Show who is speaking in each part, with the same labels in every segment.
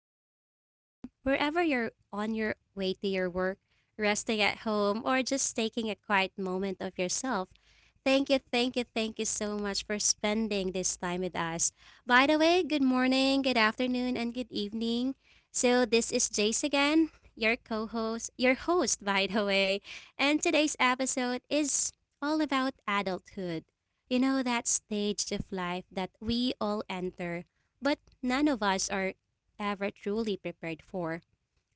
Speaker 1: listening from, wherever you're on your way to your work, resting at home, or just taking a quiet moment of yourself. Thank you, thank you, thank you so much for spending this time with us. By the way, good morning, good afternoon, and good evening. So, this is Jace again, your co host, your host, by the way. And today's episode is all about adulthood, that stage of life that we all enter, but none of us are ever truly prepared for.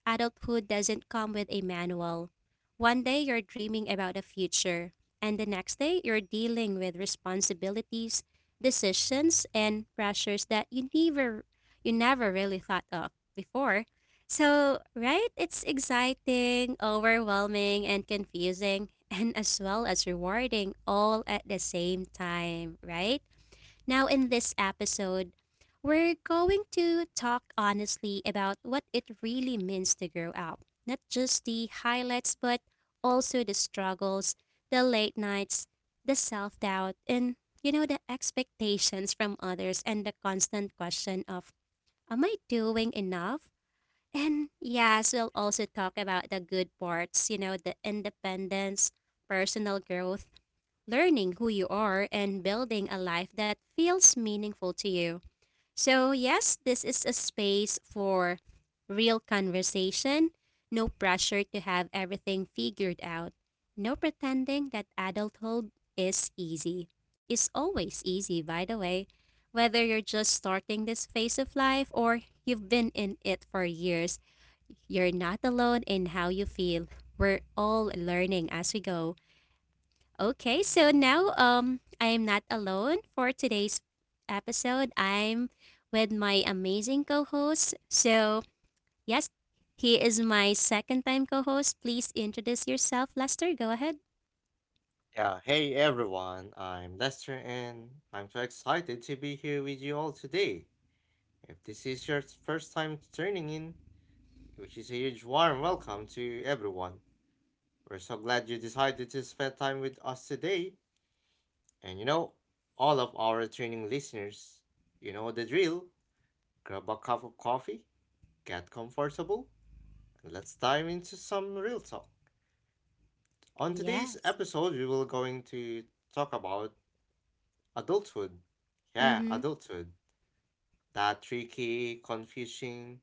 Speaker 1: Adulthood doesn't come with a manual. One day you're dreaming about a future, and the next day you're dealing with responsibilities, decisions, and pressures that you never really thought of before. So, right? It's exciting, overwhelming, and confusing, and as well as rewarding all at the same time, right? Now, in this episode, we're going to talk honestly about what it really means to grow up. Not just the highlights, but also the struggles, the late nights, the self doubt, and the expectations from others and the constant question of, am I doing enough? And yes, we'll also talk about the good parts, you know, the independence, personal growth, learning who you are, and building a life that feels meaningful to you. So, yes, this is a space for real conversation, no pressure to have everything figured out, no pretending that adulthood is easy. It's always easy, by the way. Whether you're just starting this phase of life or you've been in it for years, you're not alone in how you feel. We're all learning as we go. Okay, so now I am not alone for today's episode. I'm with my amazing co-host. So, yes, he is my second time co-host. Please introduce yourself, Lester. Go ahead.
Speaker 2: Yeah, hey everyone, I'm Lester and I'm so excited to be here with you all today. If this is your first time tuning in, which is a huge warm welcome to everyone. We're so glad you decided to spend time with us today. And you know, all of our training listeners, you know the drill. Grab a cup of coffee, get comfortable, and let's dive into some real talk. On today's
Speaker 1: Yes.
Speaker 2: episode, we will going to talk about adulthood. Yeah,
Speaker 1: Mhm.
Speaker 2: adulthood. That tricky, confusing,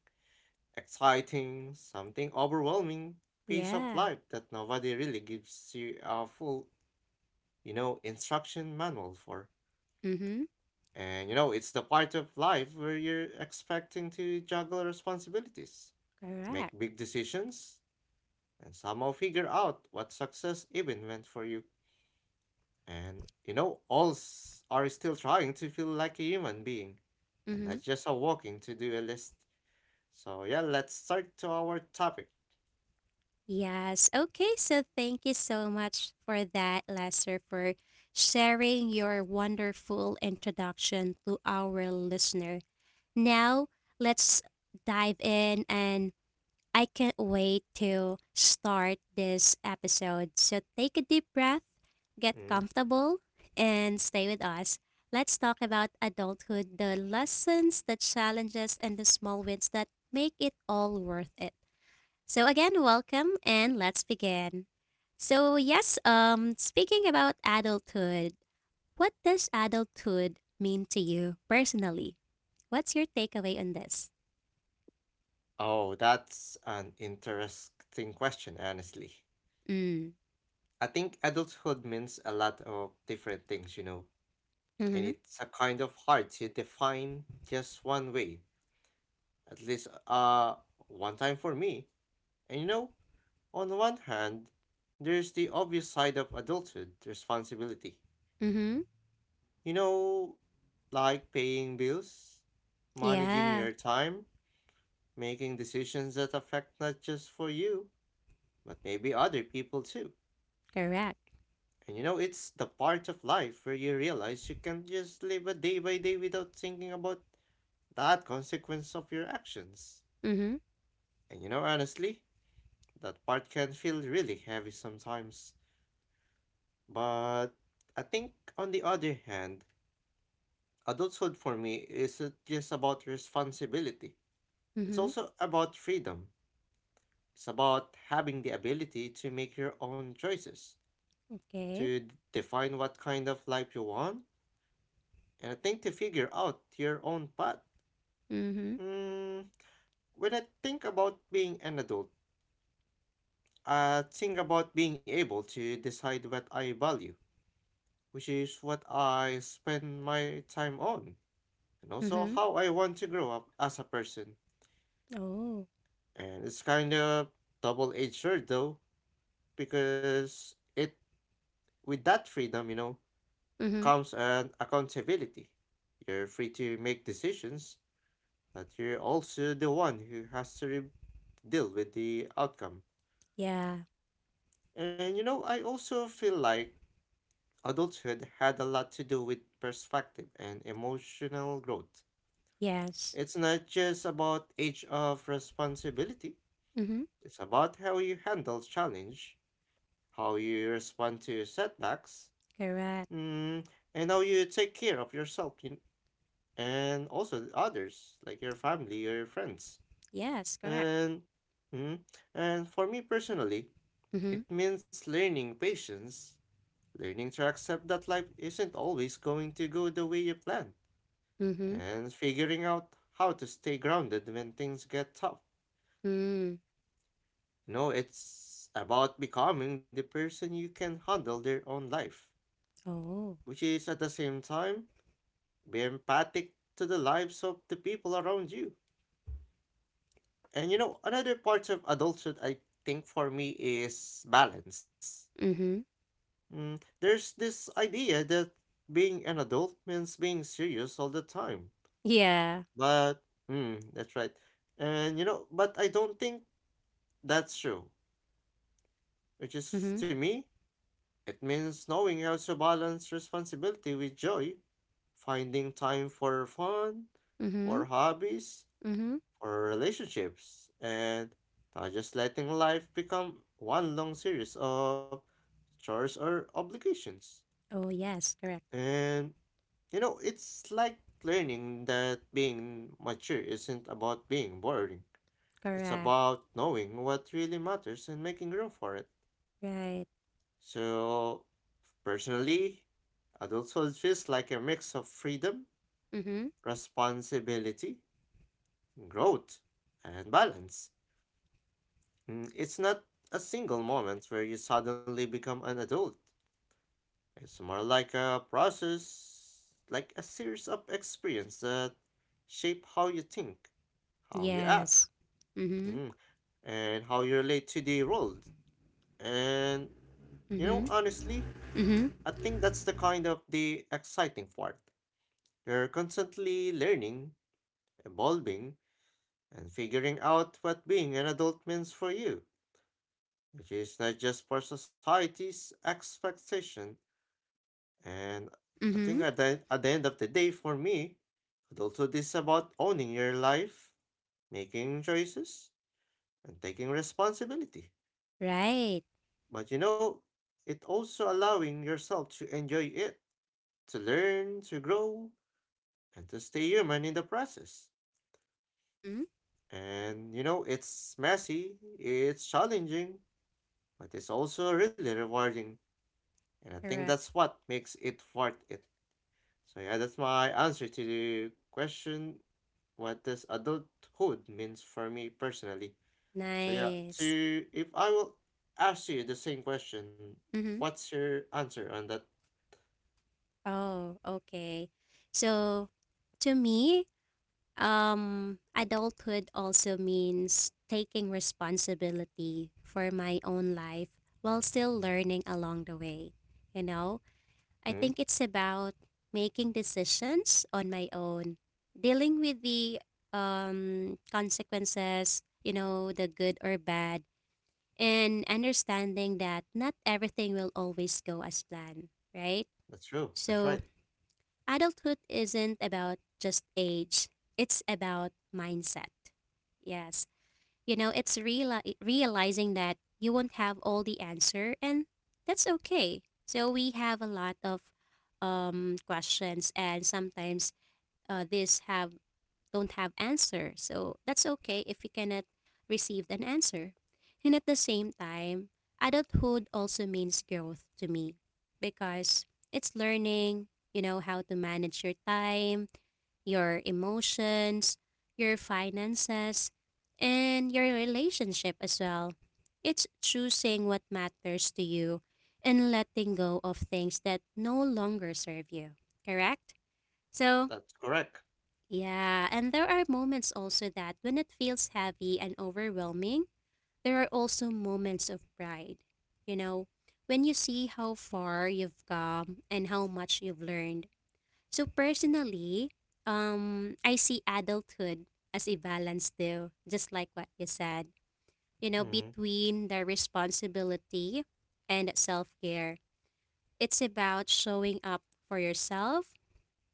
Speaker 2: exciting, something overwhelming piece of
Speaker 1: Yeah.
Speaker 2: life that nobody really gives you a full, instruction manual for.
Speaker 1: Mhm.
Speaker 2: It's the part of life where you're expecting to juggle responsibilities, make
Speaker 1: Correct.
Speaker 2: big decisions, and somehow figure out what success even meant for you. And you know, all s- Are still trying to feel like a human being and not
Speaker 1: Mhm.
Speaker 2: just a walking to do a list. So yeah, let's start to our topic.
Speaker 1: Yes. Okay, so thank you so much for that, Lester, for sharing your wonderful introduction to our listener. Now, let's dive in, and I can't wait to start this episode. So, take a deep breath, get
Speaker 2: Mm.
Speaker 1: comfortable, and stay with us. Let's talk about adulthood, the lessons, the challenges, and the small wins that make it all worth it. So, again, welcome, and let's begin. So, yes, speaking about adulthood, what does adulthood mean to you personally? What's your takeaway on this?
Speaker 2: Oh, that's an interesting question, honestly.
Speaker 1: Mm.
Speaker 2: I think adulthood means a lot of different things, and
Speaker 1: Mm-hmm.
Speaker 2: it's a kind of hard to define just one way, at least one time for me. And you know, on one hand, there's the obvious side of adulthood, responsibility.
Speaker 1: Mm-hmm.
Speaker 2: You know, like paying bills, managing
Speaker 1: Yeah.
Speaker 2: your time, making decisions that affect not just for you, but maybe other people too.
Speaker 1: Correct.
Speaker 2: It's the part of life where you realize you can not just live a day by day without thinking about that consequence of your actions.
Speaker 1: Mm-hmm.
Speaker 2: Honestly, that part can feel really heavy sometimes. But I think, on the other hand, adulthood for me isn't just about responsibility, it's
Speaker 1: Mm-hmm.
Speaker 2: also about freedom. It's about having the ability to make your own choices
Speaker 1: Okay.
Speaker 2: to define what kind of life you want, and I think to figure out your own path.
Speaker 1: Mm-hmm.
Speaker 2: Mm, when I think about being an adult, I think about being able to decide what I value, which is what I spend my time on, and also
Speaker 1: Mm-hmm.
Speaker 2: how I want to grow up as a person.
Speaker 1: Oh.
Speaker 2: And it's kind of double edged sword though, because it with that freedom,
Speaker 1: Mm-hmm.
Speaker 2: comes an accountability. You're free to make decisions but you're also the one who has to deal with the outcome.
Speaker 1: Yeah.
Speaker 2: I also feel like adulthood had a lot to do with perspective and emotional growth.
Speaker 1: Yes.
Speaker 2: It's not just about age of responsibility,
Speaker 1: Mm-hmm.
Speaker 2: it's about how you handle challenge, how you respond to setbacks,
Speaker 1: Correct.
Speaker 2: mm, and how you take care of yourself in, and also the others, like your family or your friends.
Speaker 1: Yes. Correct.
Speaker 2: And mm, and for me personally,
Speaker 1: Mm-hmm.
Speaker 2: it means learning patience, learning to accept that life isn't always going to go the way you plan,
Speaker 1: Mm-hmm.
Speaker 2: and figuring out how to stay grounded when things get tough.
Speaker 1: Mm.
Speaker 2: It's about becoming the person you can handle their own life,
Speaker 1: Oh.
Speaker 2: which is at the same time be empathic to the lives of the people around you. Another part of adulthood I think for me is balance.
Speaker 1: Mm-hmm.
Speaker 2: There's this idea that being an adult means being serious all the time.
Speaker 1: Yeah.
Speaker 2: But that's right. But I don't think that's true. Which is,
Speaker 1: Mm-hmm.
Speaker 2: to me, it means knowing how to balance responsibility with joy, finding time for fun,
Speaker 1: Mm-hmm.
Speaker 2: for hobbies,
Speaker 1: Mm-hmm.
Speaker 2: for relationships, and not just letting life become one long series of chores or obligations.
Speaker 1: Oh yes. Correct.
Speaker 2: And it's like learning that being mature isn't about being boring. It's
Speaker 1: Correct.
Speaker 2: about knowing what really matters and making room for it.
Speaker 1: Right.
Speaker 2: So, personally, adulthood feels like a mix of freedom,
Speaker 1: Mm-hmm.
Speaker 2: responsibility, growth, and balance. It's not a single moment where you suddenly become an adult. It's more like a process, like a series of experiences that shape how you think, how you act,
Speaker 1: Yes. Mm-hmm.
Speaker 2: mm, and how you relate to the world. And
Speaker 1: Mm-hmm.
Speaker 2: Honestly, I
Speaker 1: Mm-hmm.
Speaker 2: think that's the kind of the exciting part. You're constantly learning, evolving, and figuring out what being an adult means for you, which is not just for society's expectation, and I think
Speaker 1: Mm-hmm.
Speaker 2: at the end of the day, for me, adulthood is about owning your life, making choices, and taking responsibility.
Speaker 1: Right.
Speaker 2: But it also allowing yourself to enjoy it, to learn, to grow, and to stay human in the process.
Speaker 1: Mm-hmm.
Speaker 2: It's messy, it's challenging, but it's also really rewarding. And I think
Speaker 1: Correct.
Speaker 2: that's what makes it worth it. So yeah, that's my answer to the question what does adulthood means for me personally. So yeah,
Speaker 1: Nice.
Speaker 2: to if I will ask you the same question,
Speaker 1: Mm-hmm.
Speaker 2: what's your answer on that?
Speaker 1: Oh, okay. So to me, adulthood also means taking responsibility for my own life while still learning along the way. You know, I
Speaker 2: Hmm?
Speaker 1: think it's about making decisions on my own, dealing with the consequences, you know, the good or bad, and understanding that not everything will always go as planned, right?
Speaker 2: That's true. That's right.
Speaker 1: So, adulthood isn't about just age, it's about mindset. Yes. You know, it's realizing that you won't have all the answer, and that's okay. So we have a lot of questions, and sometimes these have don't have answer. So that's okay if you cannot receive an answer. And at the same time, adulthood also means growth to me because it's learning, you know, how to manage your time, your emotions, your finances, and your relationship as well. It's choosing what matters to you and letting go of things that no longer serve you, correct? So,
Speaker 2: That's correct.
Speaker 1: yeah, and there are moments also that when it feels heavy and overwhelming, there are also moments of pride. You know, when you see how far you've come and how much you've learned. So personally, I see adulthood as a balance though, just like what you said. You know,
Speaker 2: Mm,
Speaker 1: between the responsibility and self-care. It's about showing up for yourself,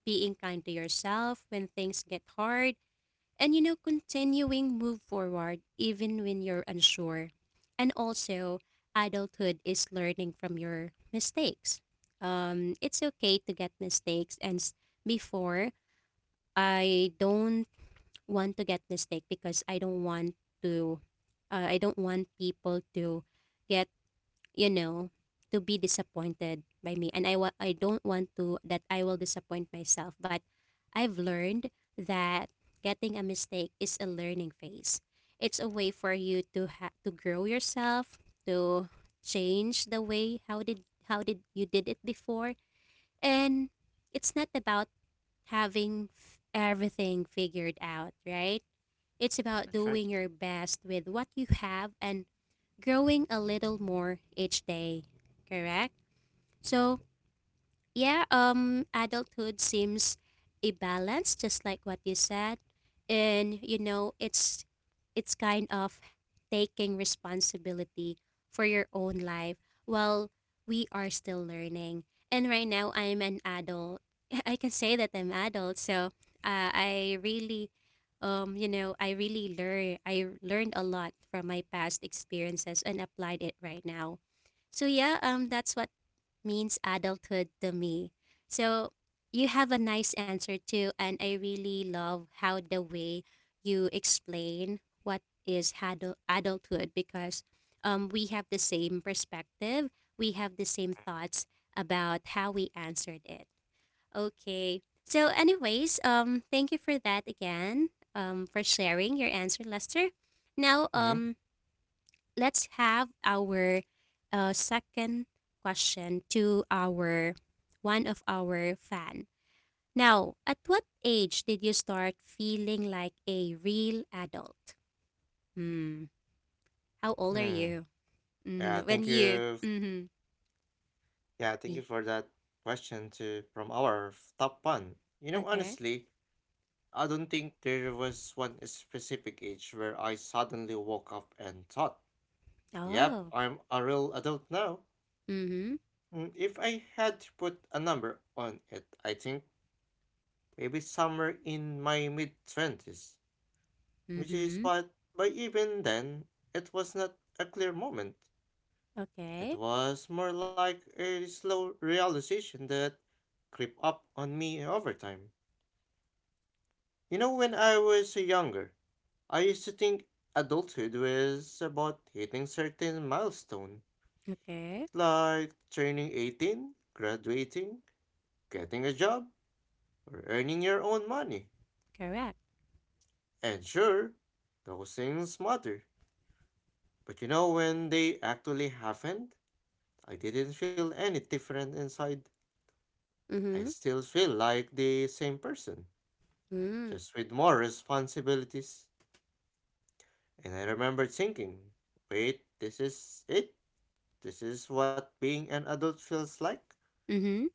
Speaker 1: being kind to yourself when things get hard, and you know continuing move forward even when you're unsure. And also adulthood is learning from your mistakes. It's okay to get mistakes, and before I don't want to get mistake because to I don't want people to get, you know, to be disappointed by me. And I, I don't want to that I will disappoint myself. But I've learned that getting a mistake is a learning phase. It's a way for you to to grow yourself, to change the way how did you did it before, and it's not about having everything figured out, right? It's about
Speaker 2: that's right.
Speaker 1: doing your best with what you have and growing a little more each day, correct? So, yeah, adulthood seems a balance, just like what you said, and you know, it's kind of taking responsibility for your own life while we are still learning. And right now, I'm an adult. I can say that I'm adult, so I really, you know, I really learn. I learned a lot from my past experiences and applied it right now. So yeah, that's what means adulthood to me. So you have a nice answer too, and I really love how the way you explain what is adulthood because we have the same perspective, we have the same thoughts about how we answered it. Okay. So, anyways, thank you for that again, for sharing your answer, Lester. Now,
Speaker 2: Mm-hmm.
Speaker 1: let's have our second question to our one of our fan. Now, at what age did you start feeling like a real adult? Hmm. How old are
Speaker 2: Mm.
Speaker 1: you?
Speaker 2: Yeah,
Speaker 1: When
Speaker 2: thank
Speaker 1: you?
Speaker 2: you.
Speaker 1: Mm-hmm.
Speaker 2: Yeah, thank you for that question to from our top one. You know,
Speaker 1: Okay.
Speaker 2: honestly, I don't think there was one specific age where I suddenly woke up and thought, yep,
Speaker 1: Oh.
Speaker 2: I'm a real adult now.
Speaker 1: Mm-hmm.
Speaker 2: If I had to put a number on it, I think maybe somewhere in my mid 20s, which is
Speaker 1: Mm-hmm.
Speaker 2: what, but even then, it was not a clear moment. It
Speaker 1: Okay.
Speaker 2: was more like a slow realization that crept up on me over time. When I was younger, I used to think adulthood was about hitting certain milestone,
Speaker 1: Okay.
Speaker 2: like turning 18, graduating, getting a job, or earning your own money.
Speaker 1: Correct.
Speaker 2: And sure, those things matter. But when they actually happened, I didn't feel any different inside. I
Speaker 1: Mm-hmm.
Speaker 2: still feel like the same person,
Speaker 1: Mm.
Speaker 2: just with more responsibilities. And I remember thinking, wait, this is it? This is what being an adult feels like.
Speaker 1: Mm-hmm.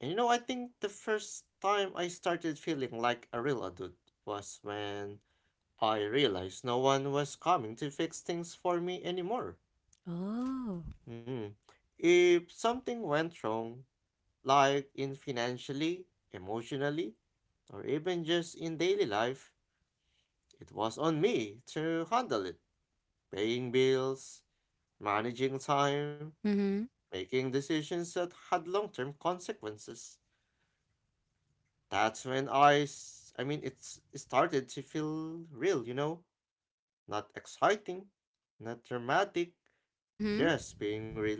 Speaker 2: I think the first time I started feeling like a real adult was when I realized no one was coming to fix things for me anymore.
Speaker 1: Oh.
Speaker 2: Mm. If something went wrong, like in financially, emotionally, or even just in daily life, it was on me to handle it. Paying bills, managing time,
Speaker 1: Mm-hmm.
Speaker 2: making decisions that had long term consequences. That's when I mean, it started to feel real, you know? Not exciting, not dramatic,
Speaker 1: Mm-hmm.
Speaker 2: just being real.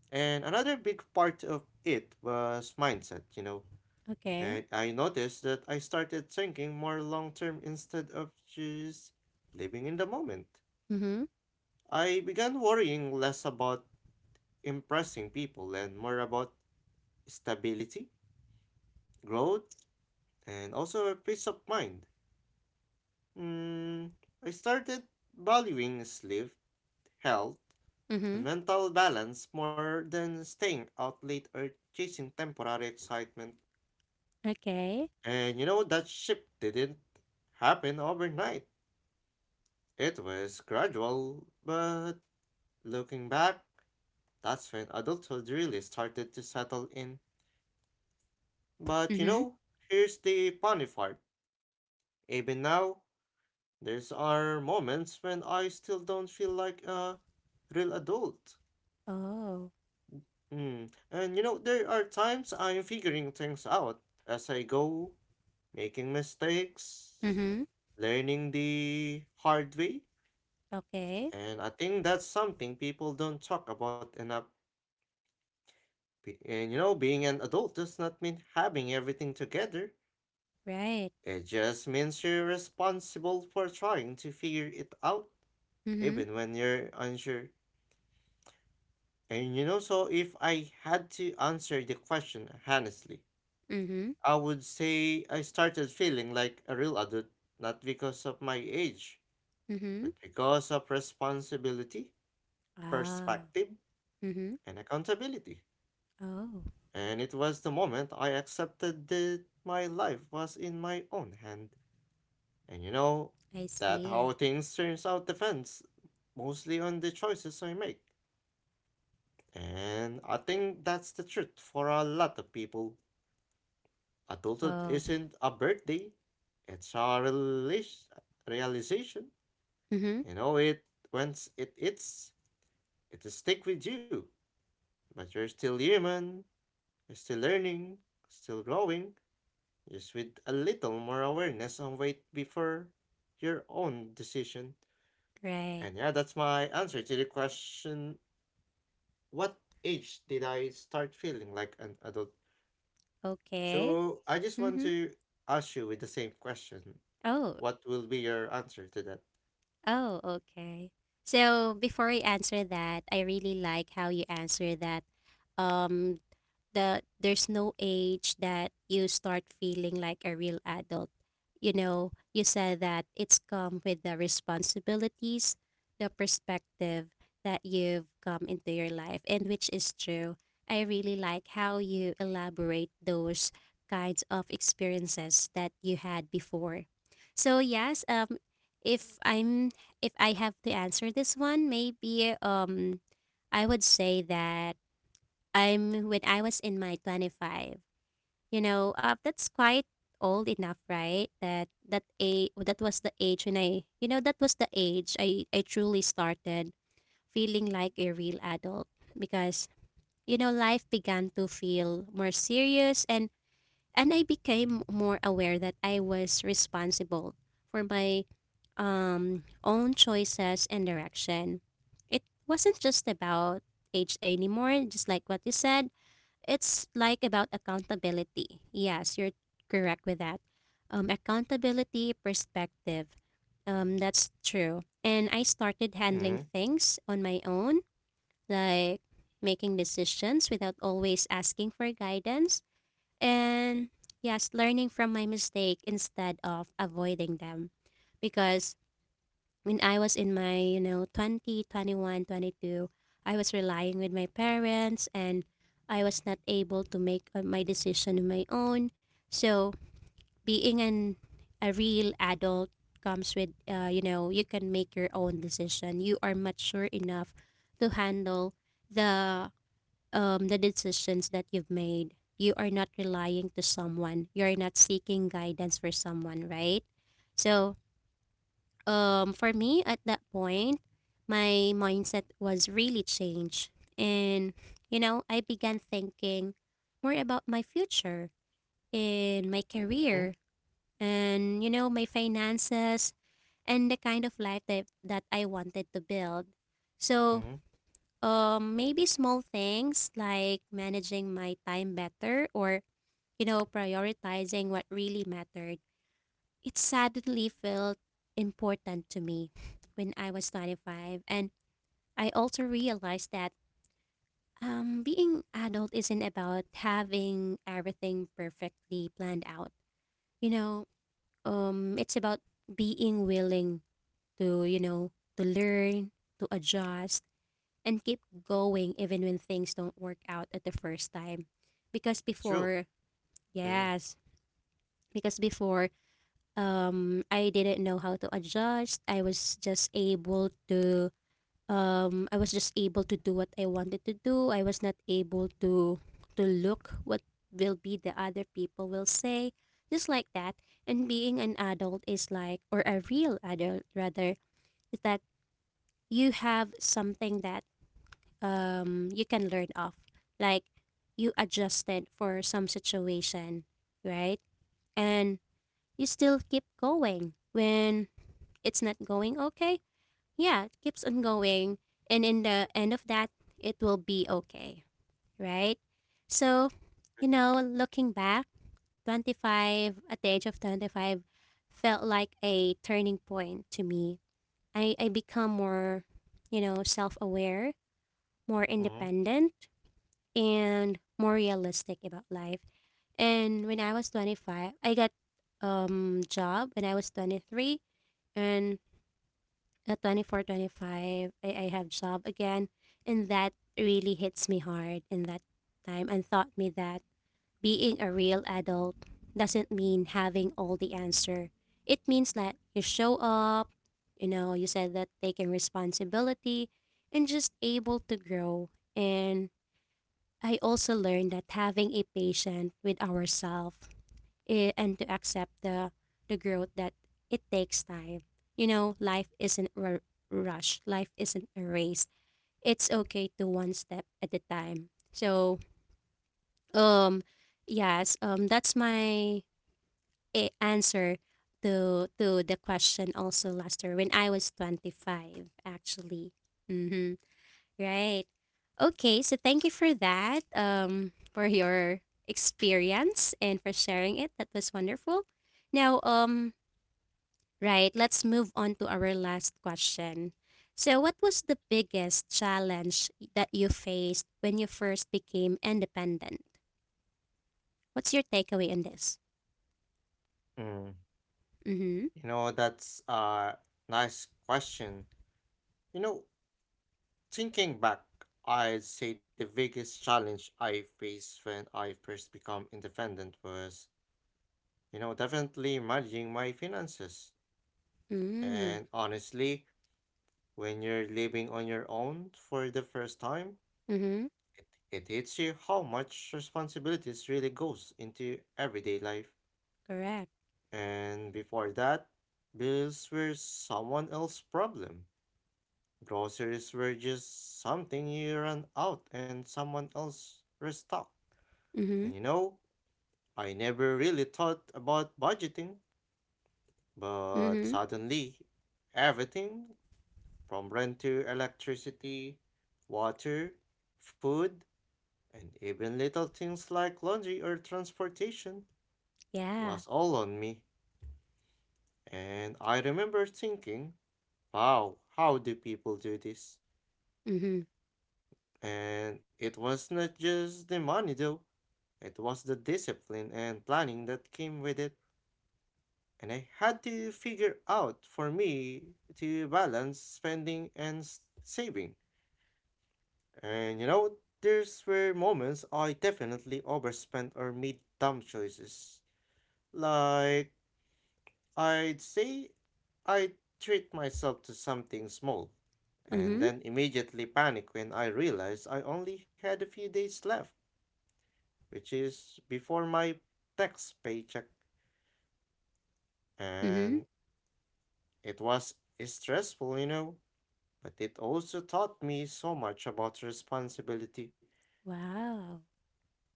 Speaker 2: And another big part of it was mindset, you know?
Speaker 1: Okay.
Speaker 2: And I noticed that I started thinking more long term instead of just living in the moment.
Speaker 1: Mm-hmm.
Speaker 2: I began worrying less about impressing people and more about stability, growth, and also a peace of mind. Mm, I started valuing sleep, health, and
Speaker 1: Mm-hmm.
Speaker 2: mental balance more than staying out late or chasing temporary excitement.
Speaker 1: Okay.
Speaker 2: That shift didn't happen overnight. It was gradual, but looking back, that's when adulthood really started to settle in. But you
Speaker 1: Mm-hmm.
Speaker 2: know, here's the funny part. Even now, there's are moments when I still don't feel like a real adult.
Speaker 1: Oh,
Speaker 2: Mm. There are times I'm figuring things out as I go, making mistakes,
Speaker 1: Mm-hmm.
Speaker 2: learning the hard way.
Speaker 1: okay.
Speaker 2: And I think that's something people don't talk about enough. Being an adult does not mean having everything together.
Speaker 1: Right.
Speaker 2: It just means you're responsible for trying to figure it out,
Speaker 1: Mm-hmm.
Speaker 2: even when you're unsure. So if I had to answer the question honestly,
Speaker 1: Mm-hmm.
Speaker 2: I would say I started feeling like a real adult, not because of my age,
Speaker 1: Mm-hmm.
Speaker 2: but because of responsibility,
Speaker 1: Ah.
Speaker 2: perspective,
Speaker 1: Mm-hmm.
Speaker 2: and accountability.
Speaker 1: Oh,
Speaker 2: And it was the moment I accepted that my life was in my own hand. And you know,
Speaker 1: I
Speaker 2: that
Speaker 1: see.
Speaker 2: how things turns out depends mostly on the choices I make. And I think that's the truth for a lot of people. Adulthood
Speaker 1: Oh,
Speaker 2: isn't a birthday, it's a realization.
Speaker 1: Mm-hmm.
Speaker 2: You know it once it will stick with you. But you're still human, you're still learning, still growing, just with a little more awareness and weight before your own decision.
Speaker 1: right.
Speaker 2: And yeah, that's my answer to the question what age did I start feeling like an adult?
Speaker 1: Okay.
Speaker 2: So I just want
Speaker 1: Mm-hmm.
Speaker 2: to ask you with the same question.
Speaker 1: Oh,
Speaker 2: What will be your answer to that?
Speaker 1: oh, okay. So before I answer that, I really like how you answer that. Um, The there's no age that you start feeling like a real adult. You know, you said that it's come with the responsibilities, the perspective that you've come into your life, and which is true. I really like how you elaborate those kinds of experiences that you had before. So yes, if I'm if I have to answer this one, maybe I would say that I'm when I was in my 25. You know, that's quite old enough, right? That was the age when I, you know, that was the age I truly started feeling like a real adult because you know life began to feel more serious, and I became more aware that I was responsible for my own choices and direction. It wasn't just about age anymore. Just like what you said, it's like about accountability. Yes, you're correct with that. Accountability perspective. That's true. And I started
Speaker 2: Mm-hmm.
Speaker 1: handling things on my own, like making decisions without always asking for guidance. And yes, learning from my mistake instead of avoiding them. Because when I was in my, you know, 20, 21, 22, I was relying with my parents and I was not able to make my decision on my own. So being an a real adult comes with, you know, you can make your own decision. You are mature enough to handle the the decisions that you've made. You are not relying to someone. You are not seeking guidance for someone, right? So for me at that point, my mindset was really changed. And, you know, I began thinking more about my future and my career and, you know, my finances and the kind of life that, I wanted to build. So,
Speaker 2: Mm-hmm.
Speaker 1: maybe small things like managing my time better or, you know, prioritizing what really mattered it suddenly felt important to me when I was 25. And I also realized that being adult isn't about having everything perfectly planned out. You know, it's about being willing to, you know, to learn, to adjust, and keep going even when things don't work out at the first time. Because
Speaker 2: That's true.
Speaker 1: before,
Speaker 2: Mm-hmm.
Speaker 1: yes, because before I didn't know how to adjust. I was just able to do what I wanted to do. I was not able to look what will be the other people will say. Just like that. And being an adult is like, or a real adult rather, is that you have something that you can learn off. Like you adjusted for some situation, right? And you still keep going when it's not going okay, yeah, it keeps on going. And in the end of that, it will be okay, right? So, you know, looking back, 25, at the age of 25, felt like a turning point to me. I become more, you know, self aware, more
Speaker 2: Mm-hmm.
Speaker 1: independent, and more realistic about life. And when I was 25, I got job when I was 23 and 24, 25. I have job again. And that really hits me hard in that time and taught me that being a real adult doesn't mean having all the answer. It means that you show up, you know, you said that taking responsibility and just able to grow. And I also learned that having a patient with ourselves and to accept the growth that it takes time. You know, life isn't a rush. Life isn't a race. It's okay to one step at a time. So, um, yes, that's my answer to the question also last year when I was 25 actually. Mm-hmm. Right. Okay, so thank you for that. For your experience and for sharing it. That was wonderful. Now, right, let's move on to our last question. So, what was the biggest challenge that you faced when you first became independent? What's your takeaway on this?
Speaker 2: Mm-hmm.
Speaker 1: Mm-hmm.
Speaker 2: That's a nice question. You know, thinking back, I'd say the biggest challenge I faced when I first become independent was, definitely managing my finances.
Speaker 1: Mm-hmm.
Speaker 2: And honestly, when you're living on your own for the first time,
Speaker 1: Mm-hmm.
Speaker 2: it hits you how much responsibilities really goes into everyday life.
Speaker 1: Correct.
Speaker 2: And before that, bills were someone else's problem. Groceries were just something you ran out and someone else restocked. And
Speaker 1: Mm-hmm.
Speaker 2: you know, I never really thought about budgeting, but
Speaker 1: Mm-hmm.
Speaker 2: suddenly everything from rent to electricity, water, food, and even little things like laundry or transportation
Speaker 1: Yeah.
Speaker 2: was all on me, and I remember thinking, wow, how do people do this?
Speaker 1: Mm-hmm.
Speaker 2: And it was not just the money though, it was the discipline and planning that came with it. And I had to figure out for me to balance spending and saving. There's were moments I definitely overspent or made dumb choices. Like I'd say I treat myself to something small, and
Speaker 1: Mm-hmm.
Speaker 2: then immediately panic when I realize I only had a few days left, which is before my tax paycheck.
Speaker 1: Mm-hmm.
Speaker 2: And it was stressful, but it also taught me so much about responsibility.
Speaker 1: Wow.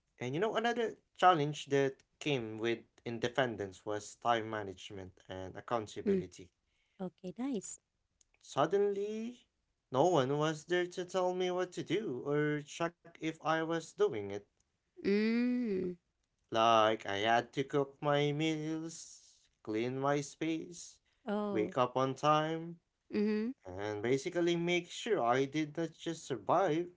Speaker 2: Another challenge that came with independence was time management and
Speaker 1: Mm.
Speaker 2: accountability.
Speaker 1: Okay, nice.
Speaker 2: Suddenly, no one was there to tell me what to do or check if I was doing it.
Speaker 1: Mm.
Speaker 2: Like, I had to cook my meals, clean my space,
Speaker 1: Oh.
Speaker 2: wake up on time,
Speaker 1: Mm-hmm.
Speaker 2: and basically make sure I did not just survive,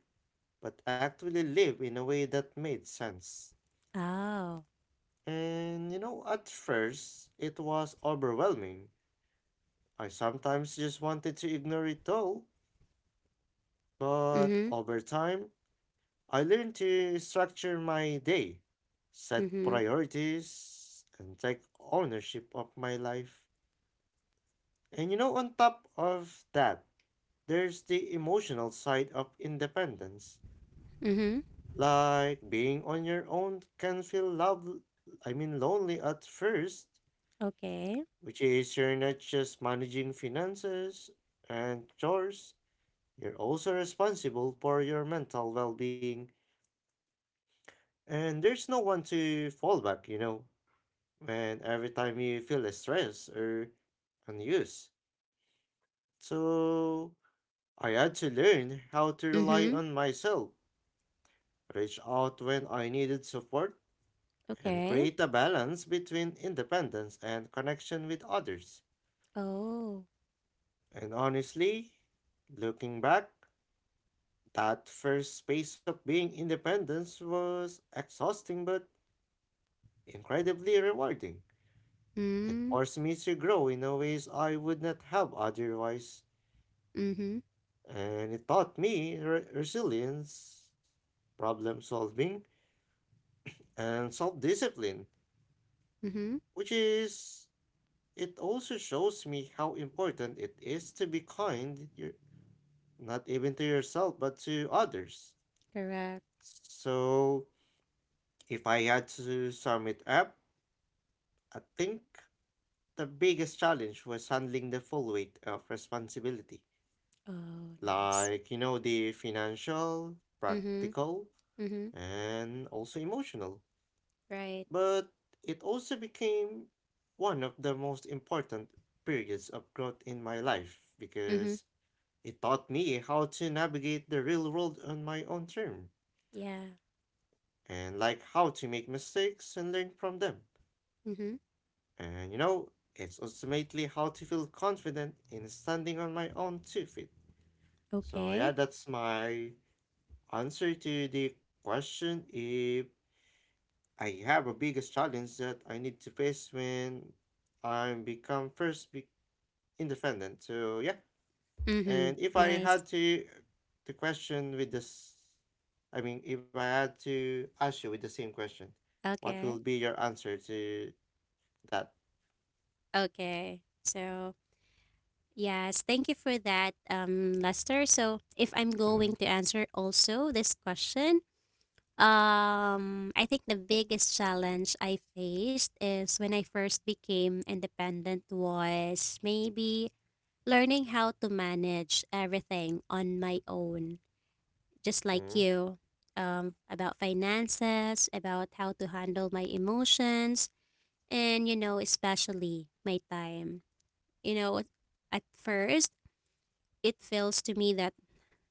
Speaker 2: but actually live in a way that made sense.
Speaker 1: Oh.
Speaker 2: At first, it was overwhelming. I sometimes just wanted to ignore it all, but
Speaker 1: Mm-hmm.
Speaker 2: over time, I learned to structure my day, set
Speaker 1: Mm-hmm.
Speaker 2: priorities, and take ownership of my life. On top of that, there's the emotional side of independence.
Speaker 1: Mm-hmm.
Speaker 2: Like, being on your own can feel love I mean lonely at first,
Speaker 1: Okay.
Speaker 2: which is you're not just managing finances and chores, you're also responsible for your mental well-being, and there's no one to fall back. And every time you feel stressed or unused. So I had to learn how to rely
Speaker 1: Mm-hmm.
Speaker 2: on myself, reach out when I needed support, and
Speaker 1: Okay.
Speaker 2: create a balance between independence and connection with others.
Speaker 1: Oh.
Speaker 2: And honestly, looking back, that first phase of being independent was exhausting but incredibly rewarding. It
Speaker 1: Mm.
Speaker 2: forced me to grow in a ways I would not have otherwise,
Speaker 1: Mm-hmm.
Speaker 2: and it taught me resilience, problem solving, and self discipline,
Speaker 1: Mm-hmm.
Speaker 2: which is, it also shows me how important it is to be kind, you not even to yourself, but to others.
Speaker 1: Correct.
Speaker 2: So, if I had to sum it up, I think the biggest challenge was handling the full weight of responsibility.
Speaker 1: Oh, nice.
Speaker 2: Like, the financial,
Speaker 1: Mm-hmm.
Speaker 2: practical,
Speaker 1: Mm-hmm.
Speaker 2: and also emotional.
Speaker 1: Right.
Speaker 2: But it also became one of the most important periods of growth in my life,
Speaker 1: Mm-hmm.
Speaker 2: because it taught me how to navigate the real world on my own terms,
Speaker 1: Yeah.
Speaker 2: and like how to make mistakes and learn from them.
Speaker 1: Mm-hmm.
Speaker 2: And you know, it's ultimately how to feel confident in standing on my own two feet. So
Speaker 1: Okay.
Speaker 2: yeah, that's my answer to the question if I have a biggest challenge that I need to face when I become first be. Independent. So yeah,
Speaker 1: Mm-hmm.
Speaker 2: and if I
Speaker 1: Nice.
Speaker 2: had to the question with this, I mean, if I had to ask you with the same question, what
Speaker 1: Okay.
Speaker 2: will be your answer to that?
Speaker 1: Okay. So, yes, thank you for that, Lester. So, if I'm going
Speaker 2: Mm,
Speaker 1: to answer also this question, I think the biggest challenge I faced is when I first became independent was maybe learning how to manage everything on my own. Just like
Speaker 2: mm,
Speaker 1: you, about finances, about how to handle my emotions, and, you know, especially my time. You know, at first, it feels to me that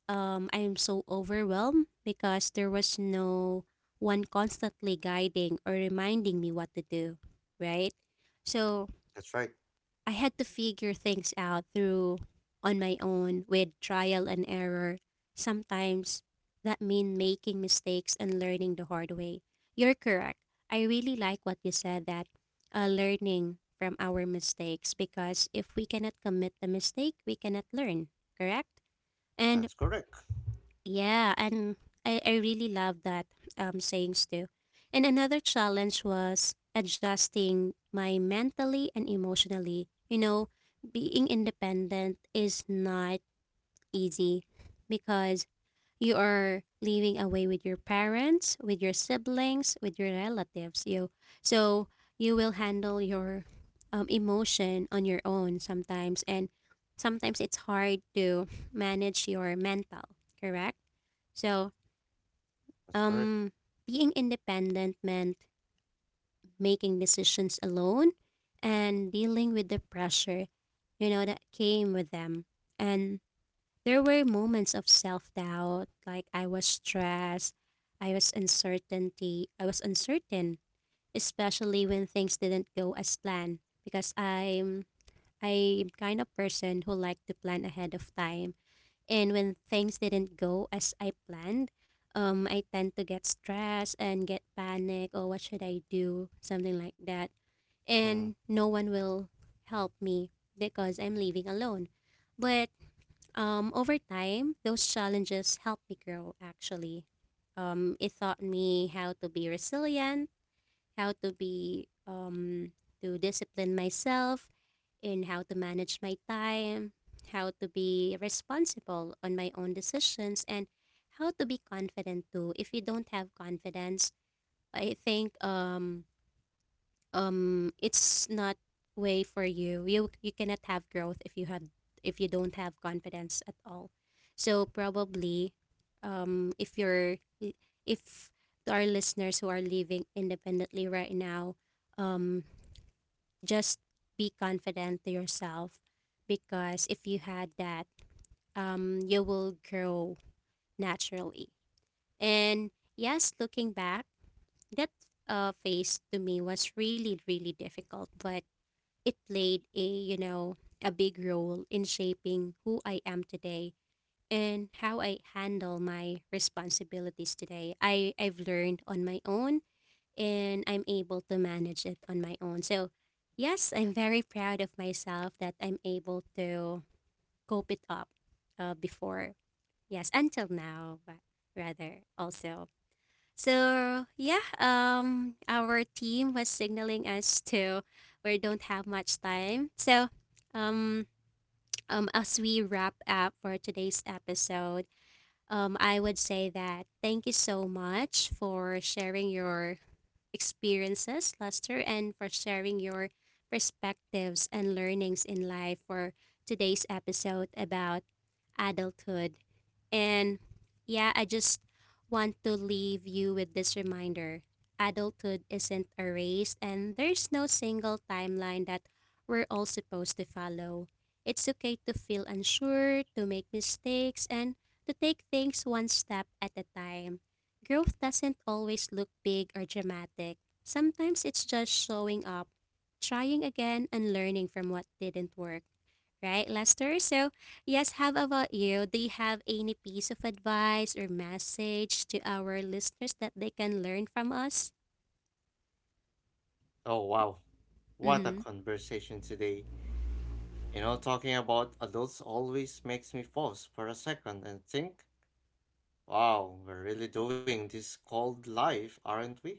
Speaker 1: I'm so overwhelmed because there was no one constantly guiding or reminding me what to do, right? So,
Speaker 2: that's right.
Speaker 1: I had to figure things out through on my own with trial and error. Sometimes that mean making mistakes and learning the hard way. You're correct. I really like what you said that learning from our mistakes because if we cannot commit the mistake, we cannot learn, correct? And
Speaker 2: That's correct.
Speaker 1: yeah, and I really love that sayings too. And another challenge was adjusting my mentally and emotionally. You know, being independent is not easy because you are living away with your parents, with your siblings, with your relatives. You so you will handle your emotion on your own sometimes, and sometimes it's hard to manage your mental. Correct. So
Speaker 2: That's correct.
Speaker 1: um, being independent meant making decisions alone and dealing with the pressure, you know, that came with them, and there were moments of self doubt, like I was stressed, I was uncertainty, I was uncertain, especially when things didn't go as planned. Because I'm kind of person who like to plan ahead of time. And when things didn't go as I planned, I tend to get stressed and get panic or what should I do? Something like that.
Speaker 2: Mm.
Speaker 1: And no one will help me because I'm living alone. But over time, those challenges helped me grow actually. It taught me how to be resilient, how to be to discipline myself, and how to manage my time, how to be responsible on my own decisions, and how to be confident too. If you don't have confidence, I think it's not way for you you cannot have growth if you had if you don't have confidence at all, so probably if you're if there are listeners who are living independently right now, um just be confident to yourself, because if you had that, you will grow naturally. And yes, looking back, that phase to me was really really difficult, but it played a, you know, a big role in shaping who I am today and how I handle my responsibilities today. I've learned on my own and I'm able to manage it on my own. So, yes, I'm very proud of myself that I'm able to cope it up before. Yes, until now, but rather also. So yeah, our team was signaling us to we don't have much time. So, um, as we wrap up for today's episode, I would say that thank you so much for sharing your experiences, Lester, and for sharing your perspectives and learnings in life for today's episode about adulthood. And yeah, I just want to leave you with this reminder, adulthood isn't a race, and there's no single timeline that we're all supposed to follow. It's okay to feel unsure, to make mistakes, and to take things one step at a time. Growth doesn't always look big or dramatic. Sometimes it's just showing up, trying again, and learning from what didn't work. Right, Lester? So, yes, how about you? Do you have any piece of advice or message to our listeners that they can learn from us?
Speaker 2: Oh, wow, what a
Speaker 1: Mm-hmm.
Speaker 2: conversation today. You know, talking about adults always makes me pause for a second and think, wow, we're really doing this called life, aren't we?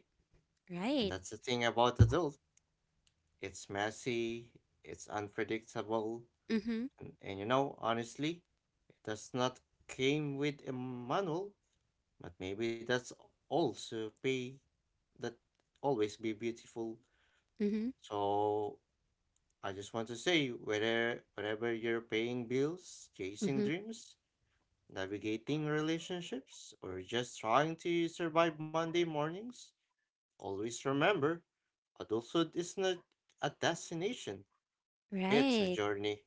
Speaker 2: And
Speaker 1: Right.
Speaker 2: that's the thing about adults. It's messy, it's unpredictable,
Speaker 1: Mm-hmm.
Speaker 2: and, you know, honestly, it does not came with a manual, but maybe that's also be that always be beautiful.
Speaker 1: Mm-hmm.
Speaker 2: So I just want to say whether wherever you're paying bills,
Speaker 1: Mm-hmm.
Speaker 2: chasing dreams, navigating relationships, or just trying to survive Monday mornings, always remember adulthood is not a destination, it's a
Speaker 1: Right.
Speaker 2: journey.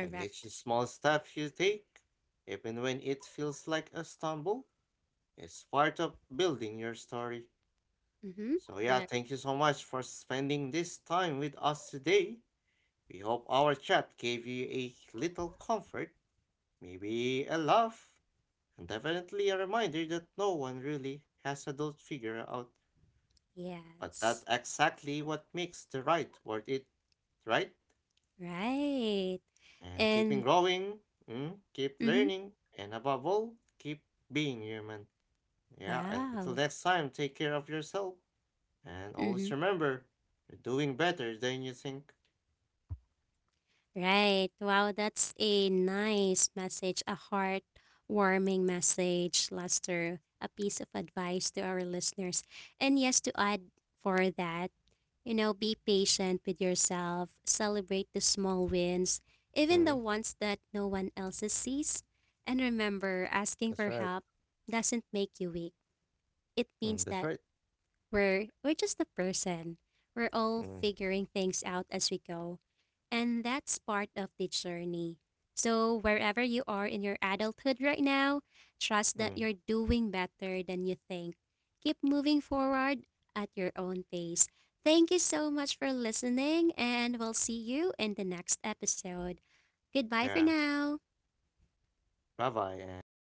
Speaker 2: And each small step you take, even when it feels like a stumble, is part of building your story.
Speaker 1: Mm-hmm.
Speaker 2: So, yeah,
Speaker 1: Correct.
Speaker 2: thank you so much for spending this time with us today. We hope our chat gave you a little comfort, maybe a laugh, and definitely a reminder that no one really has a adult figure out. But that's
Speaker 1: Yes.
Speaker 2: exactly what makes the ride worth it, right?
Speaker 1: Right.
Speaker 2: And keeping
Speaker 1: And
Speaker 2: growing, mm, keep
Speaker 1: mm-hmm.
Speaker 2: learning, and above all, keep being human. Yeah, until
Speaker 1: Wow.
Speaker 2: next time, take care of yourself and always
Speaker 1: Mm-hmm.
Speaker 2: remember you're doing better than you think.
Speaker 1: Right. Wow, that's a nice message, a heartwarming message, Lester, a piece of advice to our listeners. And yes, to add for that, you know, be patient with yourself, celebrate the small wins, even the
Speaker 2: Mm,
Speaker 1: ones that no one else sees. And remember, asking
Speaker 2: that's
Speaker 1: for
Speaker 2: right.
Speaker 1: help doesn't make you weak. It
Speaker 2: Mm,
Speaker 1: means
Speaker 2: that's
Speaker 1: that
Speaker 2: right.
Speaker 1: we're just a person. We're all
Speaker 2: Mm,
Speaker 1: figuring things out as we go. And that's part of the journey. So wherever you are in your adulthood right now, trust that
Speaker 2: mm,
Speaker 1: you're doing better than you think. Keep moving forward at your own pace. Thank you so much for listening and we'll see you in the next episode. Goodbye for
Speaker 2: yeah.
Speaker 1: now.
Speaker 2: Bye bye, and see